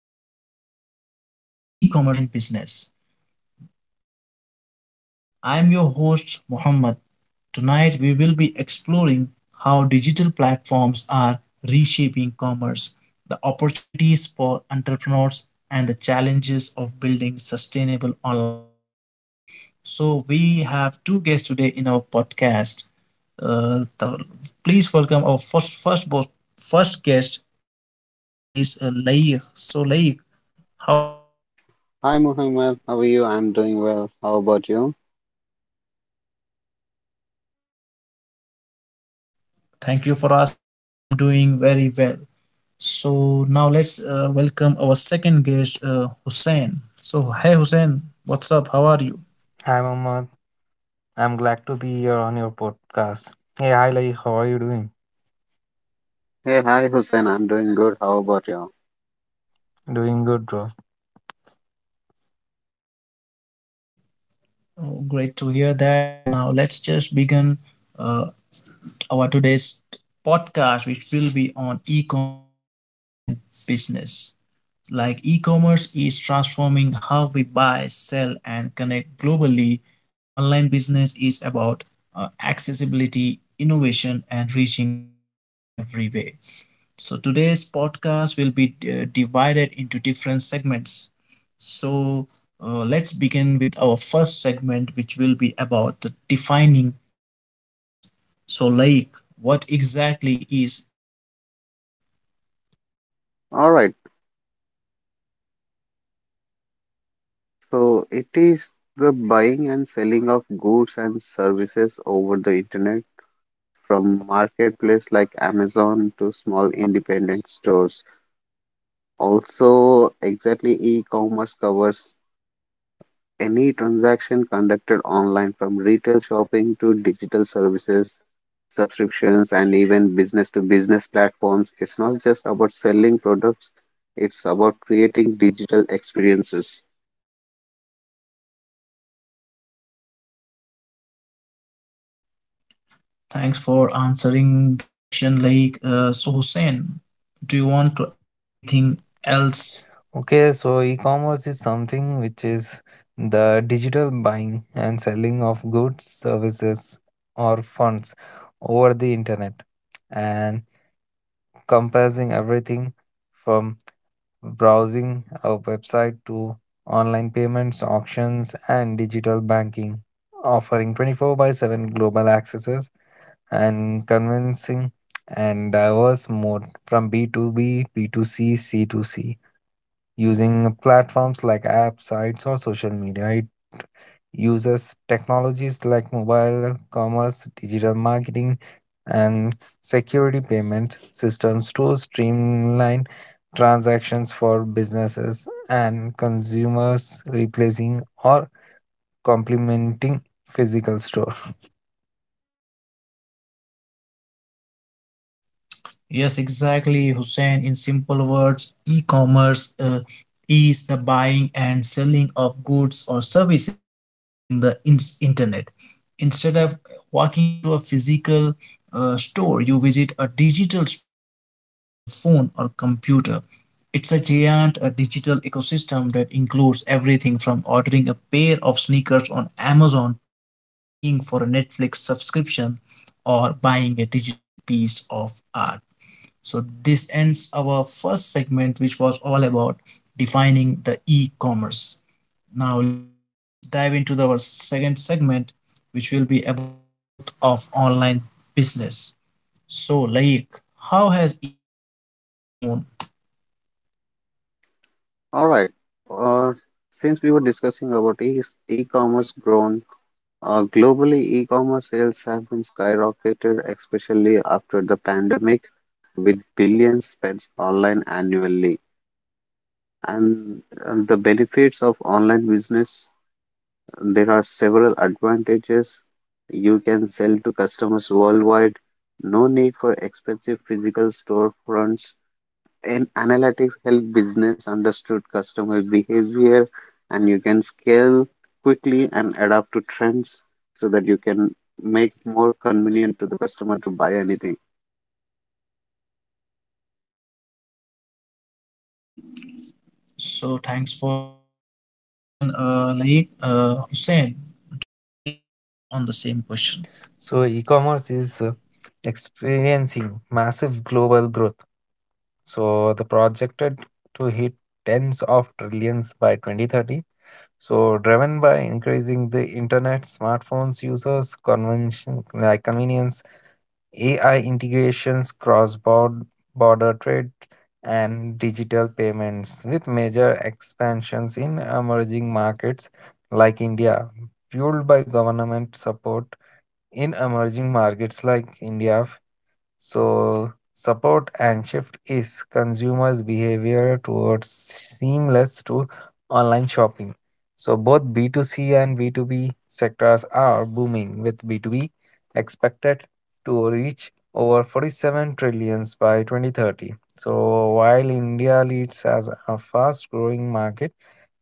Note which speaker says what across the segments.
Speaker 1: our podcast on e commerce and online business. I'm your host, Muhammad. Tonight, we will be exploring how digital platforms are reshaping commerce, the opportunities for entrepreneurs, and the challenges of building sustainable online business. So, we have two guests today in our podcast. Uh, the, Please welcome our first guest, who is Laik. So Laik, how are you?
Speaker 2: Hi Muhammad, how are you? I'm doing well. How about you?
Speaker 1: Thank you for asking. I am doing very well. So now let's welcome our second guest, Hussein. So hey Hussein, what's up? How are you?
Speaker 3: Hi, Mohammad. I'm glad to be here on your podcast. Hey, hi, Lai. How are you doing?
Speaker 2: Hey, hi Hussein, I'm doing good. How about you?
Speaker 3: Doing good, bro.
Speaker 1: Oh, great to hear that. Now let's just begin uh, our today's podcast, which will be on e-commerce and online business. Like e commerce is transforming how we buy, sell, and connect globally, online business is about accessibility, innovation, and reaching customers every way. So, today's podcast will be divided into different segments. So, let's begin with our first segment, which will be about the defining e commerce. So, like, what exactly is e commerce?
Speaker 2: All right. So it is the buying and selling of goods and services over the internet from marketplace like Amazon to small independent stores. Also, exactly e-commerce covers any transaction conducted online from retail shopping to digital services subscriptions and even business to business platforms. It's not just about selling products, it's about creating digital experiences.
Speaker 1: Thanks for answering the question. So Hussein, do you want to add anything else?
Speaker 3: Okay, so e-commerce is something which is the digital buying and selling of goods, services, or funds over the internet, and compassing everything from browsing a website to online payments, auctions, and digital banking, offering 24/7 global accesses and convincing and diverse mode from B to B, B to C, C to C. Using platforms like apps, sites, or social media, it uses technologies like mobile commerce, digital marketing, and security payment systems to streamline transactions for businesses and consumers, replacing or complementing physical store.
Speaker 1: Yes, exactly, Hussein. In simple words, e commerce is the buying and selling of goods or services using the internet. Instead of walking into a physical store, you visit a digital storefront on your phone or computer. It's a giant digital ecosystem that includes everything from ordering a pair of sneakers on Amazon to paying for a Netflix subscription or buying a digital piece of art. So this ends our first segment, which was all about defining the e-commerce. Now let's just dive into our second segment, which will be about the growth of online business. So like how has e-commerce grown?
Speaker 2: All right uh, since we were discussing about e-commerce grown, globally e-commerce sales have been skyrocketed, especially after the pandemic, with billions spent online annually. And the benefits of online business: there are several advantages. You can sell to customers worldwide, no need for expensive physical storefronts. And analytics help business understood customer behavior, and you can scale quickly and adapt to trends so that you can make more convenient to the customer to buy anything.
Speaker 1: So thanks for answering the question, Laik. Hussein, do you have any other thoughts on the same question?
Speaker 3: So e-commerce is experiencing massive global growth. So the projected to hit tens of trillions by 2030. So driven by increasing the internet, smartphones users, convention like convenience, AI integrations, cross-border border trade, and digital payments, with major expansions in emerging markets like India, fueled by government support in emerging markets like India, so, support and shift is consumers' behavior towards seamless to online shopping. So, both B2C and B2B sectors are booming, with B2B expected to reach over 47 trillions by 2030. So, while India leads as a fast growing market,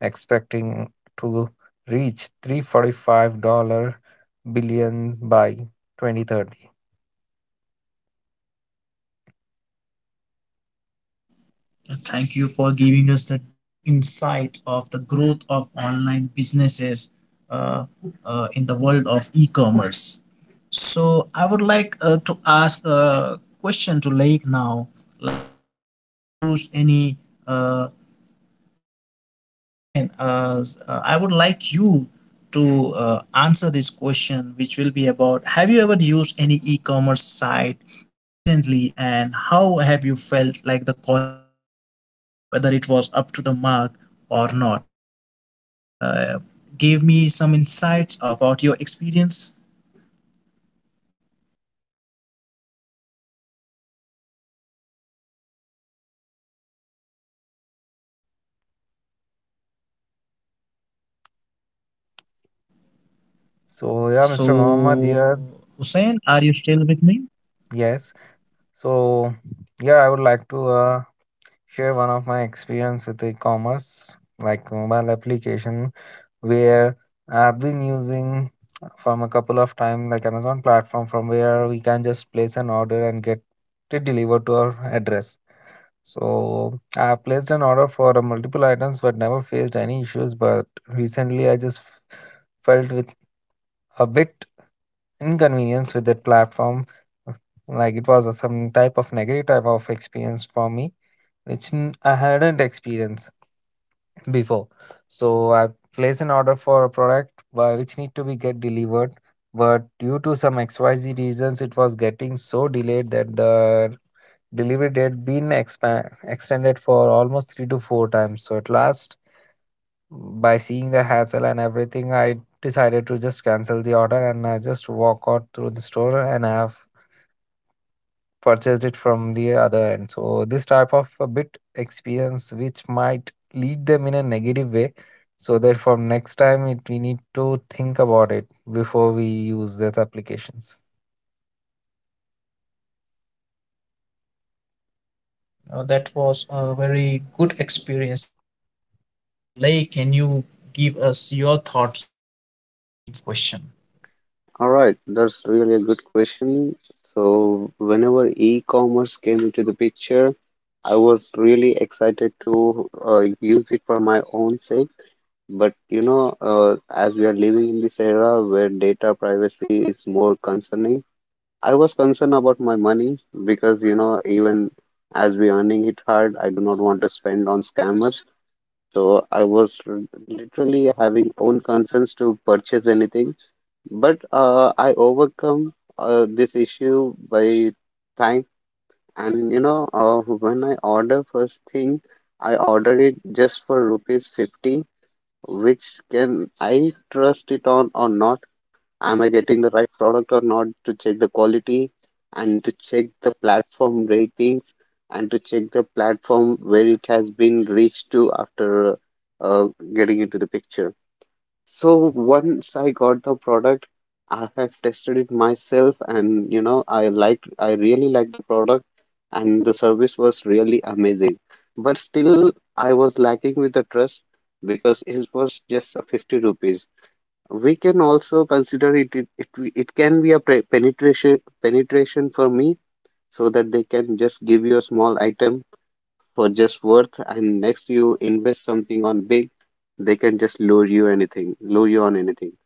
Speaker 3: expecting to reach three billion dollar billion by 2030.
Speaker 1: Thank you for giving us the deep insight of the growth of online businesses uh, in the world of e-commerce. So I would like to ask a question to Lake now. Like, have you ever used any uh, so, Hussein, I would like you to answer this question, which will be about: have you ever used any e commerce site recently, and how have you felt like the quality of the product, whether it was up to the mark or not? Can you just uh, give me some insights about your experience?
Speaker 3: So yeah, Mr. Mohammed here.
Speaker 1: So, Hussein, are you still with me?
Speaker 3: Yes. So yeah, I would like to share one of my experience with e-commerce, like mobile application, where I've been using from a couple of time, like Amazon platform, from where we can just place an order and get it delivered to our address. So I placed an order for multiple items but never faced any issues. But recently I just felt with a bit inconvenience with that platform. Like it was a, some type of negative type of experience for me, which I hadn't experienced before. So I place an order for a product which need to be get delivered, but due to some XYZ reasons, it was getting so delayed that the delivery date been expand extended for almost three to four times. So at last, by seeing the hassle and everything, I decided to just cancel the order and I just walk out through the store and have purchased it from the other end. So this type of a bit experience which might lead them in a negative way. So therefore, next time it we need to think about it before we use these applications.
Speaker 1: Now that was a very good experience you had. So, Lay, can you give us your thoughts on the same question?
Speaker 2: All right, that's really a good question. So, whenever e-commerce came into the picture, I was really excited to use it for my own sake, but you know, as we are living in this era where data privacy is more concerning, I was concerned about my money, because you know, even as we earning it hard, I do not want to spend on scammers. So literally having own concerns to purchase anything, but I overcome this issue by time. And you know, when I order first thing, I order it just for rupees 50, which can I trust it on or not? Am I getting the right product or not? To check the quality and to check the platform ratings and to check the platform where it has been reached to after uh, getting into the picture. So once I got the product, I have tested it myself, and you know, I really liked the product, and the service was really amazing. But still I was lacking with the trust because it was just a 50 rupees. We can also consider it. It can be a pre penetration penetration for me, so that they can just give you a small item for just worth, and next you invest something on big, they can just lure you anything, lure you on anything.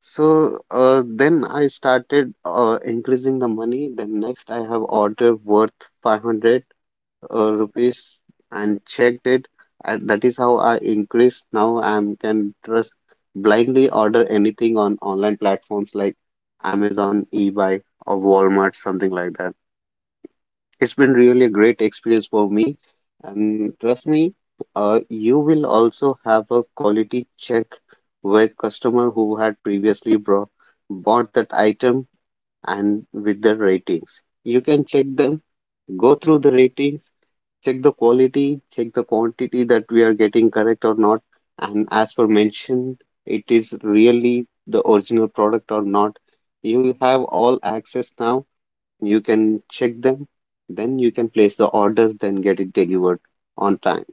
Speaker 2: So then I started increasing the money. Then next I have order worth 500 rupees and checked it. And that is how I increased. Now I am can trust blindly order anything on online platforms like Amazon, eBay, or Walmart, something like that. It's been really a great experience for me, and trust me, you will also have a quality check with customer who had previously brought bought that item and with the ratings. You can check them, go through the ratings, check the quality, check the quantity that we are getting correct or not, and as per mentioned, it is really the original product or not. You have all access now, you can check them, then you can place the order, then get it delivered on time.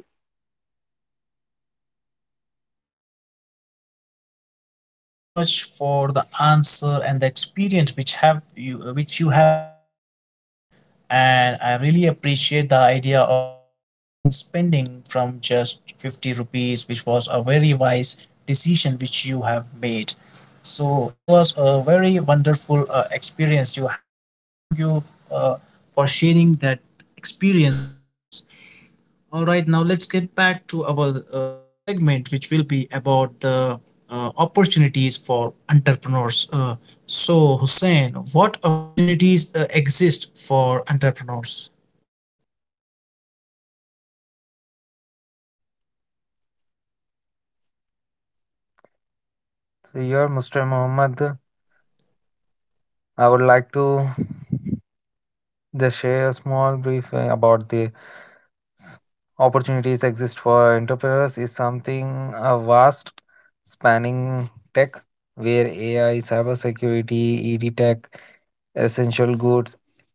Speaker 1: Thank you so much for the answer and the experience which have you which you have been through, Laif. And I really appreciate the idea of you starting spending from just 50 rupees, which was a very wise decision which you have made. So it was a very wonderful experience you have, and thank you uh, for sharing that experience with us. All right, now let's get back to our next segment, which will be about the opportunities for entrepreneurs. So, Hussein, what opportunities exist for entrepreneurs?
Speaker 3: So here, Mr. Mohammed, I would like to just share a small brief about the opportunities exist for entrepreneurs is something a vast spanning tech where AI, cybersecurity, ED tech essential goods,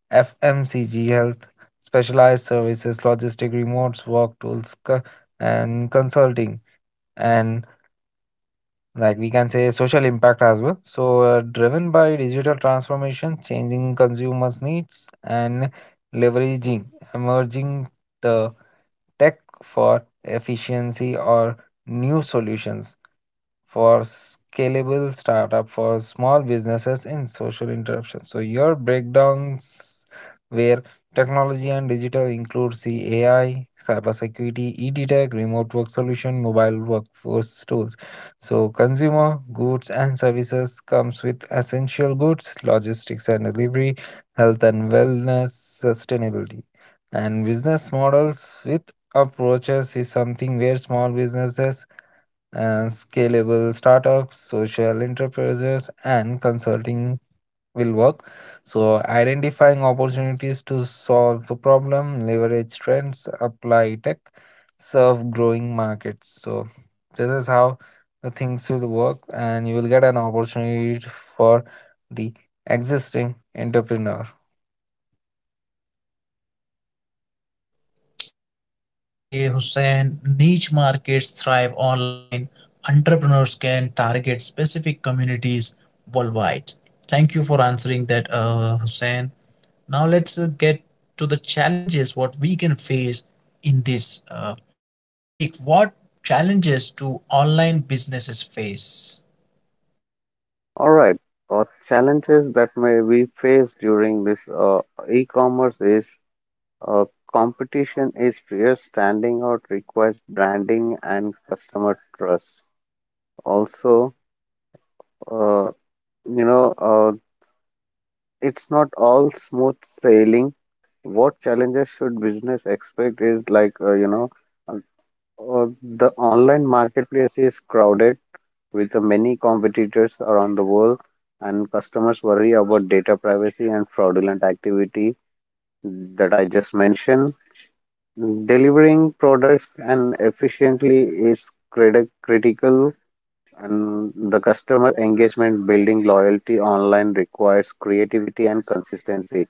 Speaker 3: FMCG health, specialized services, logistic remotes, work tools, co- and consulting, and like we can say social impact as well. So, driven by digital transformation, changing consumers' needs, and leveraging emerging the tech for efficiency or new solutions for scalable startup for small businesses in social interruption. So your breakdowns where technology and digital include CAI, cybersecurity, e-detect, remote work solution, mobile workforce tools. So consumer goods and services comes with essential goods, logistics and delivery, health and wellness, sustainability. And business models with approaches is something where small businesses and scalable startups, social enterprises, and consulting will work. So, identifying opportunities to solve a problem, leverage trends, apply tech, serve growing markets. So, this is how the things will work, and you will get an opportunity for the existing entrepreneur.
Speaker 1: Exactly, Hussein. Niche markets thrive online. Entrepreneurs can target specific communities worldwide. Thank you for answering that, Hussein. Now let's get to the challenges what we can face in this. So, like, what challenges do online businesses face?
Speaker 2: All right. Challenges that may be faced during this e-commerce is, uh, competition is fierce. Standing out requires branding and customer trust. Also, uh, you know, it's not all smooth sailing. What challenges should business expect is like, you know, uh, the online marketplace is crowded with many competitors around the world, and customers worry about data privacy and fraudulent activity that I just mentioned. Delivering products and efficiently is critical, and the customer engagement building loyalty online requires creativity and consistency.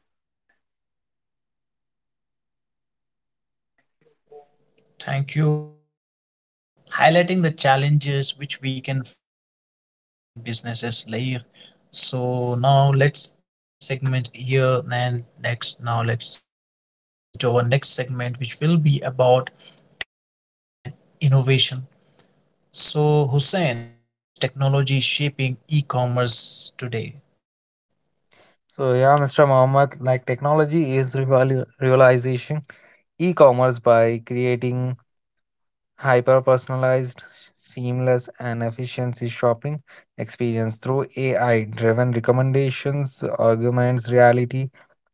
Speaker 1: Thank you for highlighting the challenges which we can face doing the online businesses, Laik. So now let's end this segment here, and next now let's just jump into our next segment, which will be about technology and innovation. So, Hussein, how is technology shaping e commerce today?
Speaker 3: So, yeah, Mr. Mohammed, like technology is realization e commerce by creating hyper personalized, seamless, and efficiency shopping experience through AI driven recommendations, arguments, reality,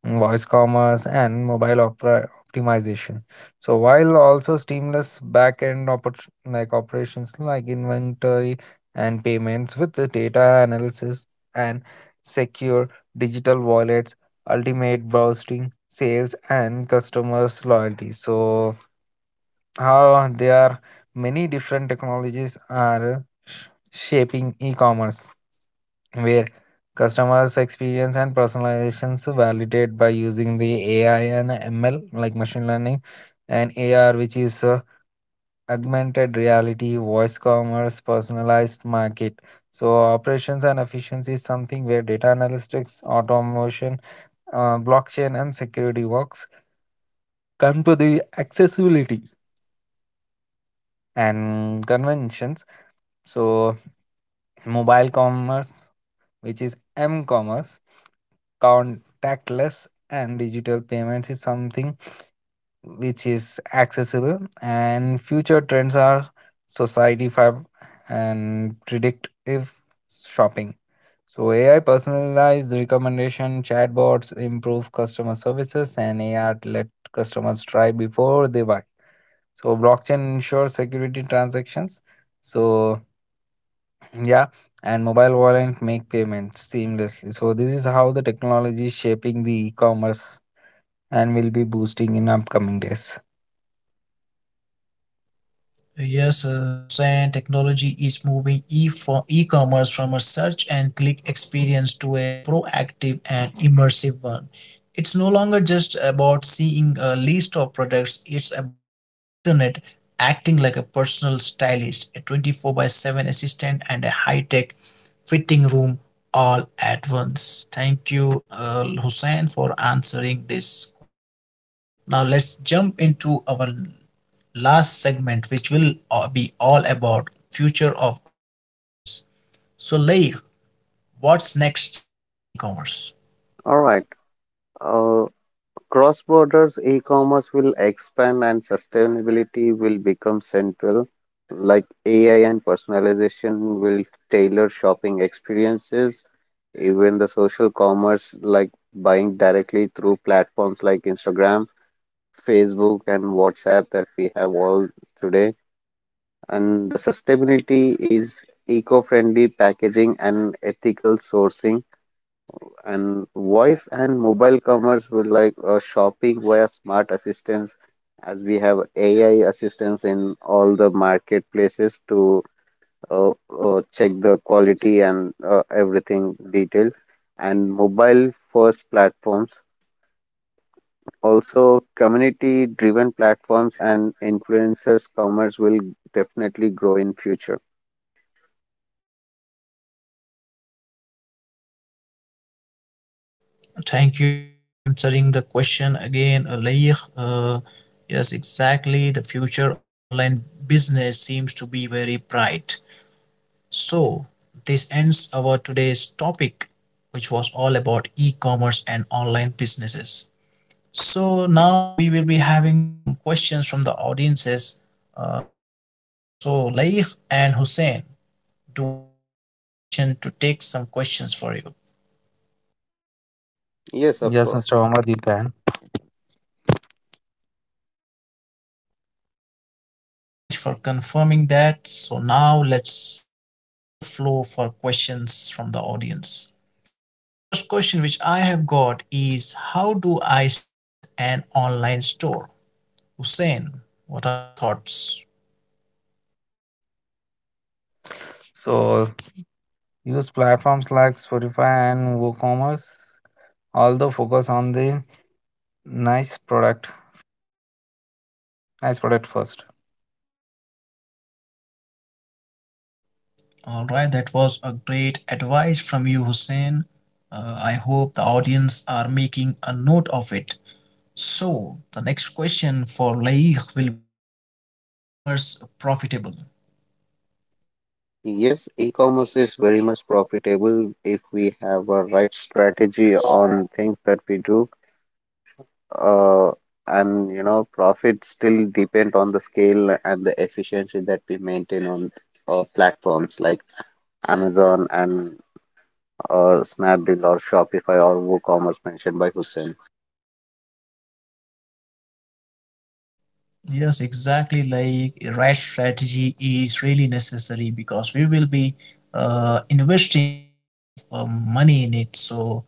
Speaker 3: voice commerce, and mobile opera optimization. So, while also seamless back end like operations like inventory and payments with the data analysis and secure digital wallets, ultimate browsing, sales, and customers' loyalty. So, how there are many different technologies are shaping e-commerce where customers experience and personalizations validated by using the AI and ML like machine learning and AR which is augmented reality voice commerce personalized market, so operations and efficiency is something where data analytics automation, blockchain and security works come to the accessibility and conventions. So mobile commerce, which is M commerce, contactless and digital payments is something which is accessible, and future trends are society five and predictive shopping. So AI personalized recommendation chatbots improve customer services, and AR let customers try before they buy. So blockchain ensures security transactions. So yeah, and mobile wallet make payments seamlessly. So this is how the technology is shaping the e-commerce and will be boosting in upcoming days.
Speaker 1: Yes, Hussein, technology is moving e for e-commerce from a search and click experience to a proactive and immersive one. It's no longer just about seeing a list of products, it's about the internet acting like a personal stylist, a 24 by 7 assistant and a high-tech fitting room all at once. Thank you, Hussein, for answering this question. Now let's jump into our last segment, which will be all about future of online business. So, Leigh, what's next in e-commerce?
Speaker 2: All right Uh, Cross borders e commerce will expand and sustainability will become central. Like AI and personalization will tailor shopping experiences. Even the social commerce, like buying directly through platforms like Instagram, Facebook, and WhatsApp that we have all today. And the sustainability is eco friendly packaging and ethical sourcing. And voice and mobile commerce will like, shopping via smart assistants, as we have AI assistants in all the marketplaces to check the quality and everything detail. And mobile first platforms, also community driven platforms and influencers commerce will definitely grow in future.
Speaker 1: Thank you for answering the question again, Leigh. Yes, exactly. The future of online business seems to be very bright. So, this ends our today's topic, which was all about e-commerce and online businesses. So now we will be having some questions from the audiences. Do you so Laik and Hussein, do I have your permission to take some questions for you?
Speaker 2: Yes, of
Speaker 3: Yes, Mr.
Speaker 2: course.
Speaker 3: Ahmad, you can.
Speaker 1: Thank you so much for confirming that. So now let's open the floor for questions from the audience. The first question which I have got is: how do I start an online store? Hussein, what are your thoughts?
Speaker 3: So use platforms like Spotify and WooCommerce, although focus on the nice product, nice product first.
Speaker 1: All right, that was a great advice from you, Hussein. I hope the audience are making a note of it. So, the next question for Laik will be: is e commerce profitable?
Speaker 2: Yes, e-commerce is very much profitable if we have a right strategy on things that we do. Uh, and you know, profit still depend on the scale and the efficiency that we maintain on platforms like Amazon and Snapdeal or Shopify or WooCommerce mentioned by Hussein.
Speaker 1: Yes, exactly. Like, right strategy is really necessary because we will be investing a lot of money in it. So,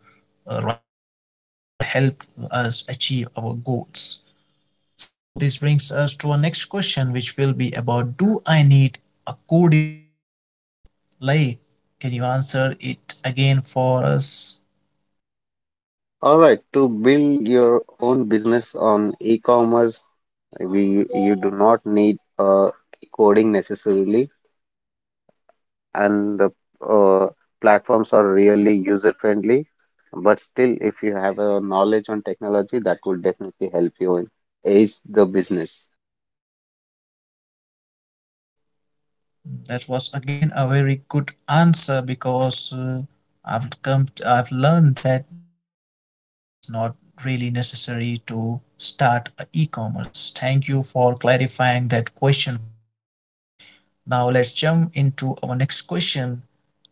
Speaker 1: uh, right strategy will help us achieve our goals. So, this brings us to our next question, which will be about: do I need a coding skills? Like, can you answer it again for us?
Speaker 2: All right, to build your own business on e-commerce, we you do not need coding necessarily, and the uh, platforms are really user friendly. But still, if you have a knowledge on technology, that would definitely help you in ace the business.
Speaker 1: That was again a very good answer because I've learned that the coding skill is not really necessary to start a e-commerce. Thank you for clarifying that question for us, Leigh. Now let's jump into our next question.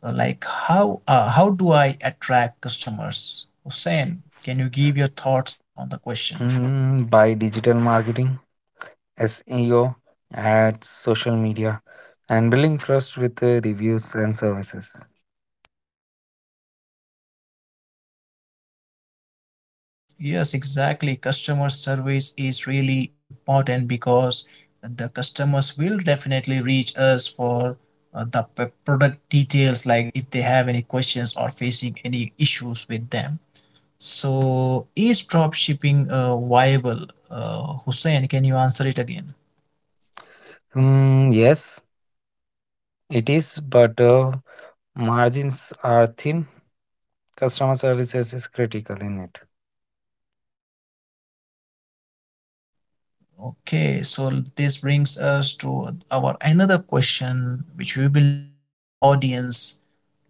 Speaker 1: How do I attract customers? Hussein, can you give your thoughts on the question?
Speaker 3: Mm, by digital marketing, SEO, ads, social media, and building trust with reviews and services.
Speaker 1: Yes, exactly. Customer service is really important because the customers will definitely reach us for the product details, like if they have any questions or facing any issues with them. So, is drop shipping viable? Hussein, can you answer it again?
Speaker 3: Mm, yes, it is, but margins are thin. Customer services is critical in it.
Speaker 1: Okay, so this brings us to our another question, which we will taking from the audience.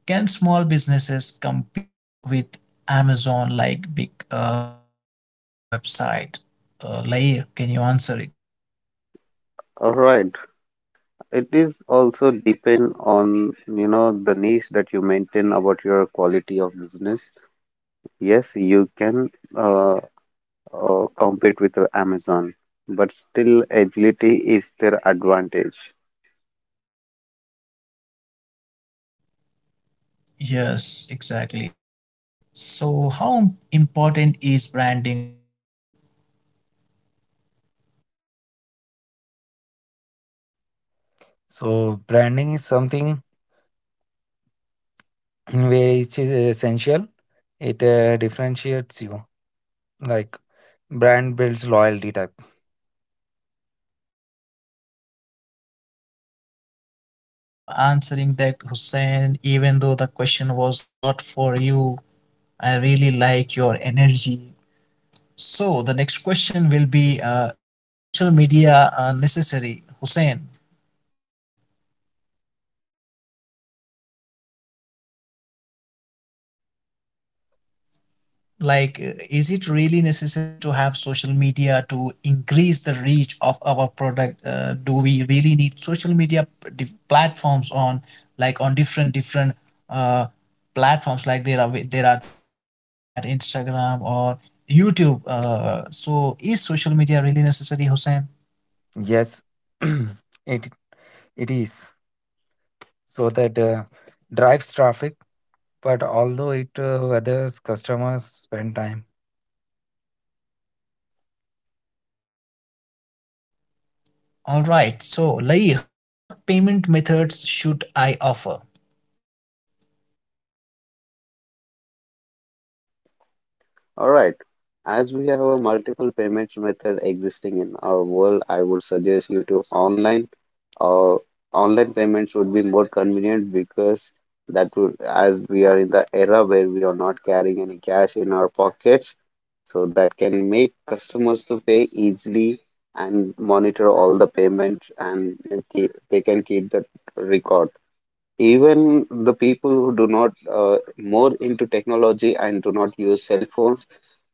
Speaker 1: Can small businesses compete with Amazon like big e-commerce website layer? Can you answer it?
Speaker 2: All right. It is also depend on, you know, the niche that you maintain about your quality of business. Yes, you can uh, compete with Amazon, but still agility is their advantage.
Speaker 1: Yes, exactly. So, how important is branding layer?
Speaker 3: So branding is something which is essential. It differentiates you. Like brand builds loyalty type.
Speaker 1: Thank you so much for answering that, Hussein. Even though the question was not for you, I really like your energy. So the next question will be: is social media necessary, Hussein? Like, is it really necessary to have social media to increase the reach of our product? Do we really need social media platforms on, like, on different uh, platforms? Like there are like Snapchat, Instagram, or YouTube. So is social media really necessary, Hussein?
Speaker 3: Yes, it it is. So that drives traffic, but although it weathers customers spend time.
Speaker 1: All right. So, Laik, what payment methods should I offer?
Speaker 2: All right. As we have a multiple payments method existing in our world, I would suggest you to or online payments would be more convenient, because that would, as we are in the era where we are not carrying any cash in our pockets, so that can make customers to pay easily and monitor all the payments and they can keep the record. Even the people who do not more into technology and do not use cell phones,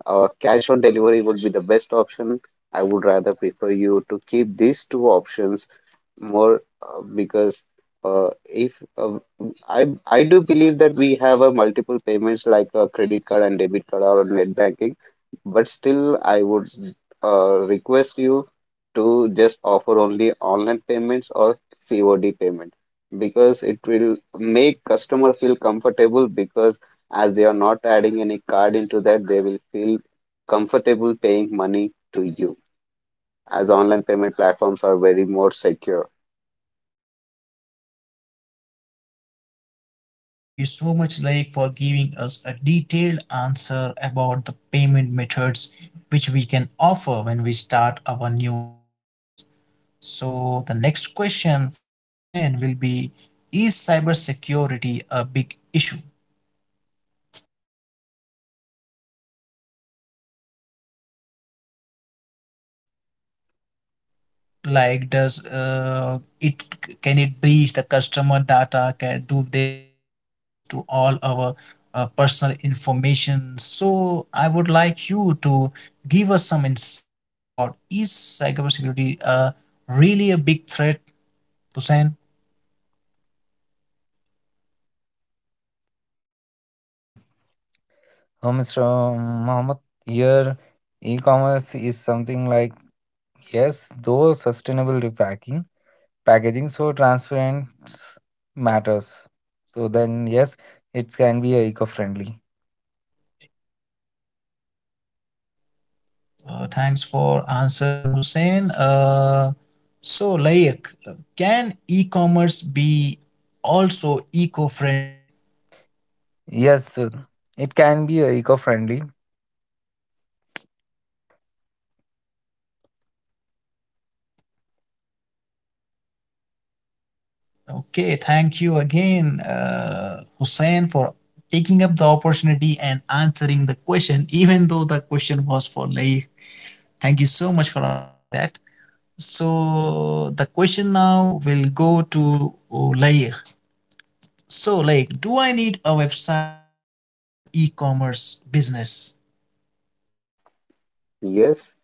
Speaker 2: cash on delivery would be the best option. I would rather prefer you to keep these two options more, because if I do believe that we have a multiple payments like a credit card and debit card or net banking, but still I would request you to just offer only online payments or COD payment, because it will make customer feel comfortable, because as they are not adding any card into that, they will feel comfortable paying money to you, as online payment platforms are very more secure.
Speaker 1: Thank you so much, Laik, for giving us a detailed answer about the payment methods which we can offer when we start our new businesses. So, the next question for Hussein will be: is cybersecurity a big issue? Like, does it, can it breach the customer data, can do they have access to all our personal information? So I would like you to give us some insights about: is cybersecurity really a big threat, Hussein?
Speaker 3: Hmm. So Mr. Mohammed, here e-commerce is something like, yes, though sustainable repacking packaging so transparent matters, so then yes, it can be eco friendly.
Speaker 1: Thanks for answering, Hussein. So like can e-commerce be also eco-friendly?
Speaker 3: Yes, so it can be eco friendly.
Speaker 1: Okay, thank you again, Hussein, for taking up the opportunity and answering the question, even though the question was for Laik. Thank you so much for answering that. So, the question now will go to Laik. So, Laik, do I need a website to start an e commerce business?
Speaker 2: Yes,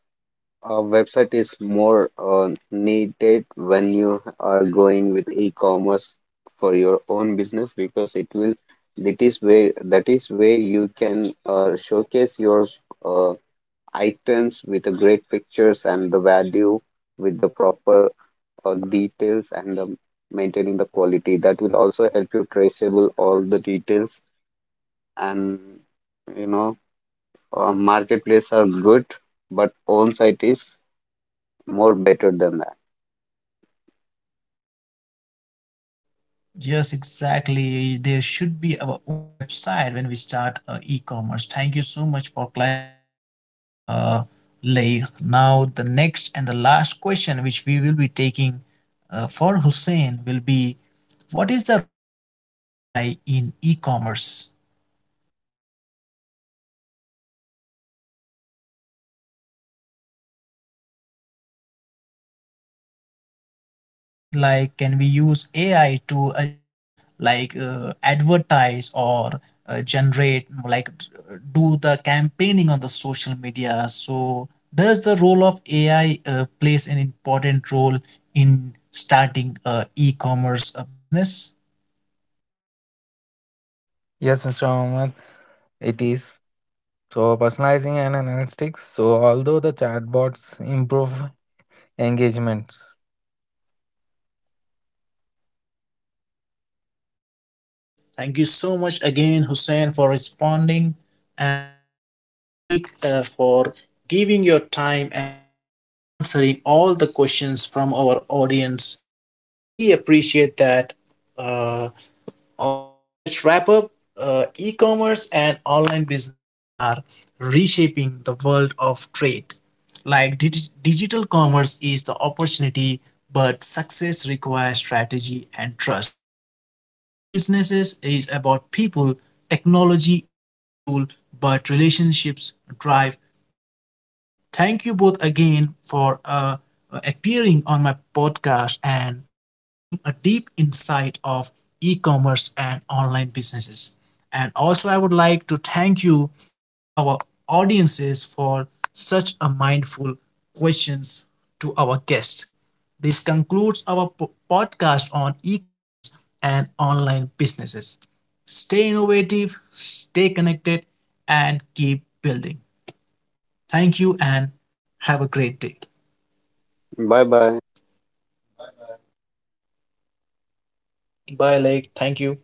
Speaker 2: a website is more needed when you are going with e-commerce for your own business, because it will, that is where you can showcase your uh, items with the great pictures and the value with the proper details, and maintaining the quality. That will also help you traceable all the details, and you know, marketplace are good, but own site is more better than that.
Speaker 1: Yes, exactly. There should be our own website when we start e-commerce. Thank you so much for clarifying that, uh, Lay. Now, the next and the last question which we will be taking for Hussein will be, what is the role of AI in e-commerce? Like, can we use AI to like advertise or generate, do the campaigning on the social media? So does the role of ai plays an important role in starting a e-commerce business?
Speaker 3: Yes, Mr. Mohammed, it is, so personalizing and analytics, so although the chatbots improve engagements
Speaker 1: Thank you so much again, Hussein, for responding, and also Laik for giving your time and answering all the questions from our audience. I really appreciate that. Uh, all right, then let's wrap up. E commerce and online business are reshaping the world of trade. Like digital commerce is the opportunity, but success requires strategy and trust. Online businesses is about people. Technology is the tool, but relationships drive growth. Thank you both again for appearing on my podcast and giving a deep insight of e-commerce and online businesses. And also, I would like to thank you to our audiences for such a mindful questions to our guests. This concludes our podcast on e-commerce and online businesses. Stay innovative, stay connected, and keep building. Thank you and have a great day.
Speaker 2: Bye bye.
Speaker 1: Bye, Lake. Thank you.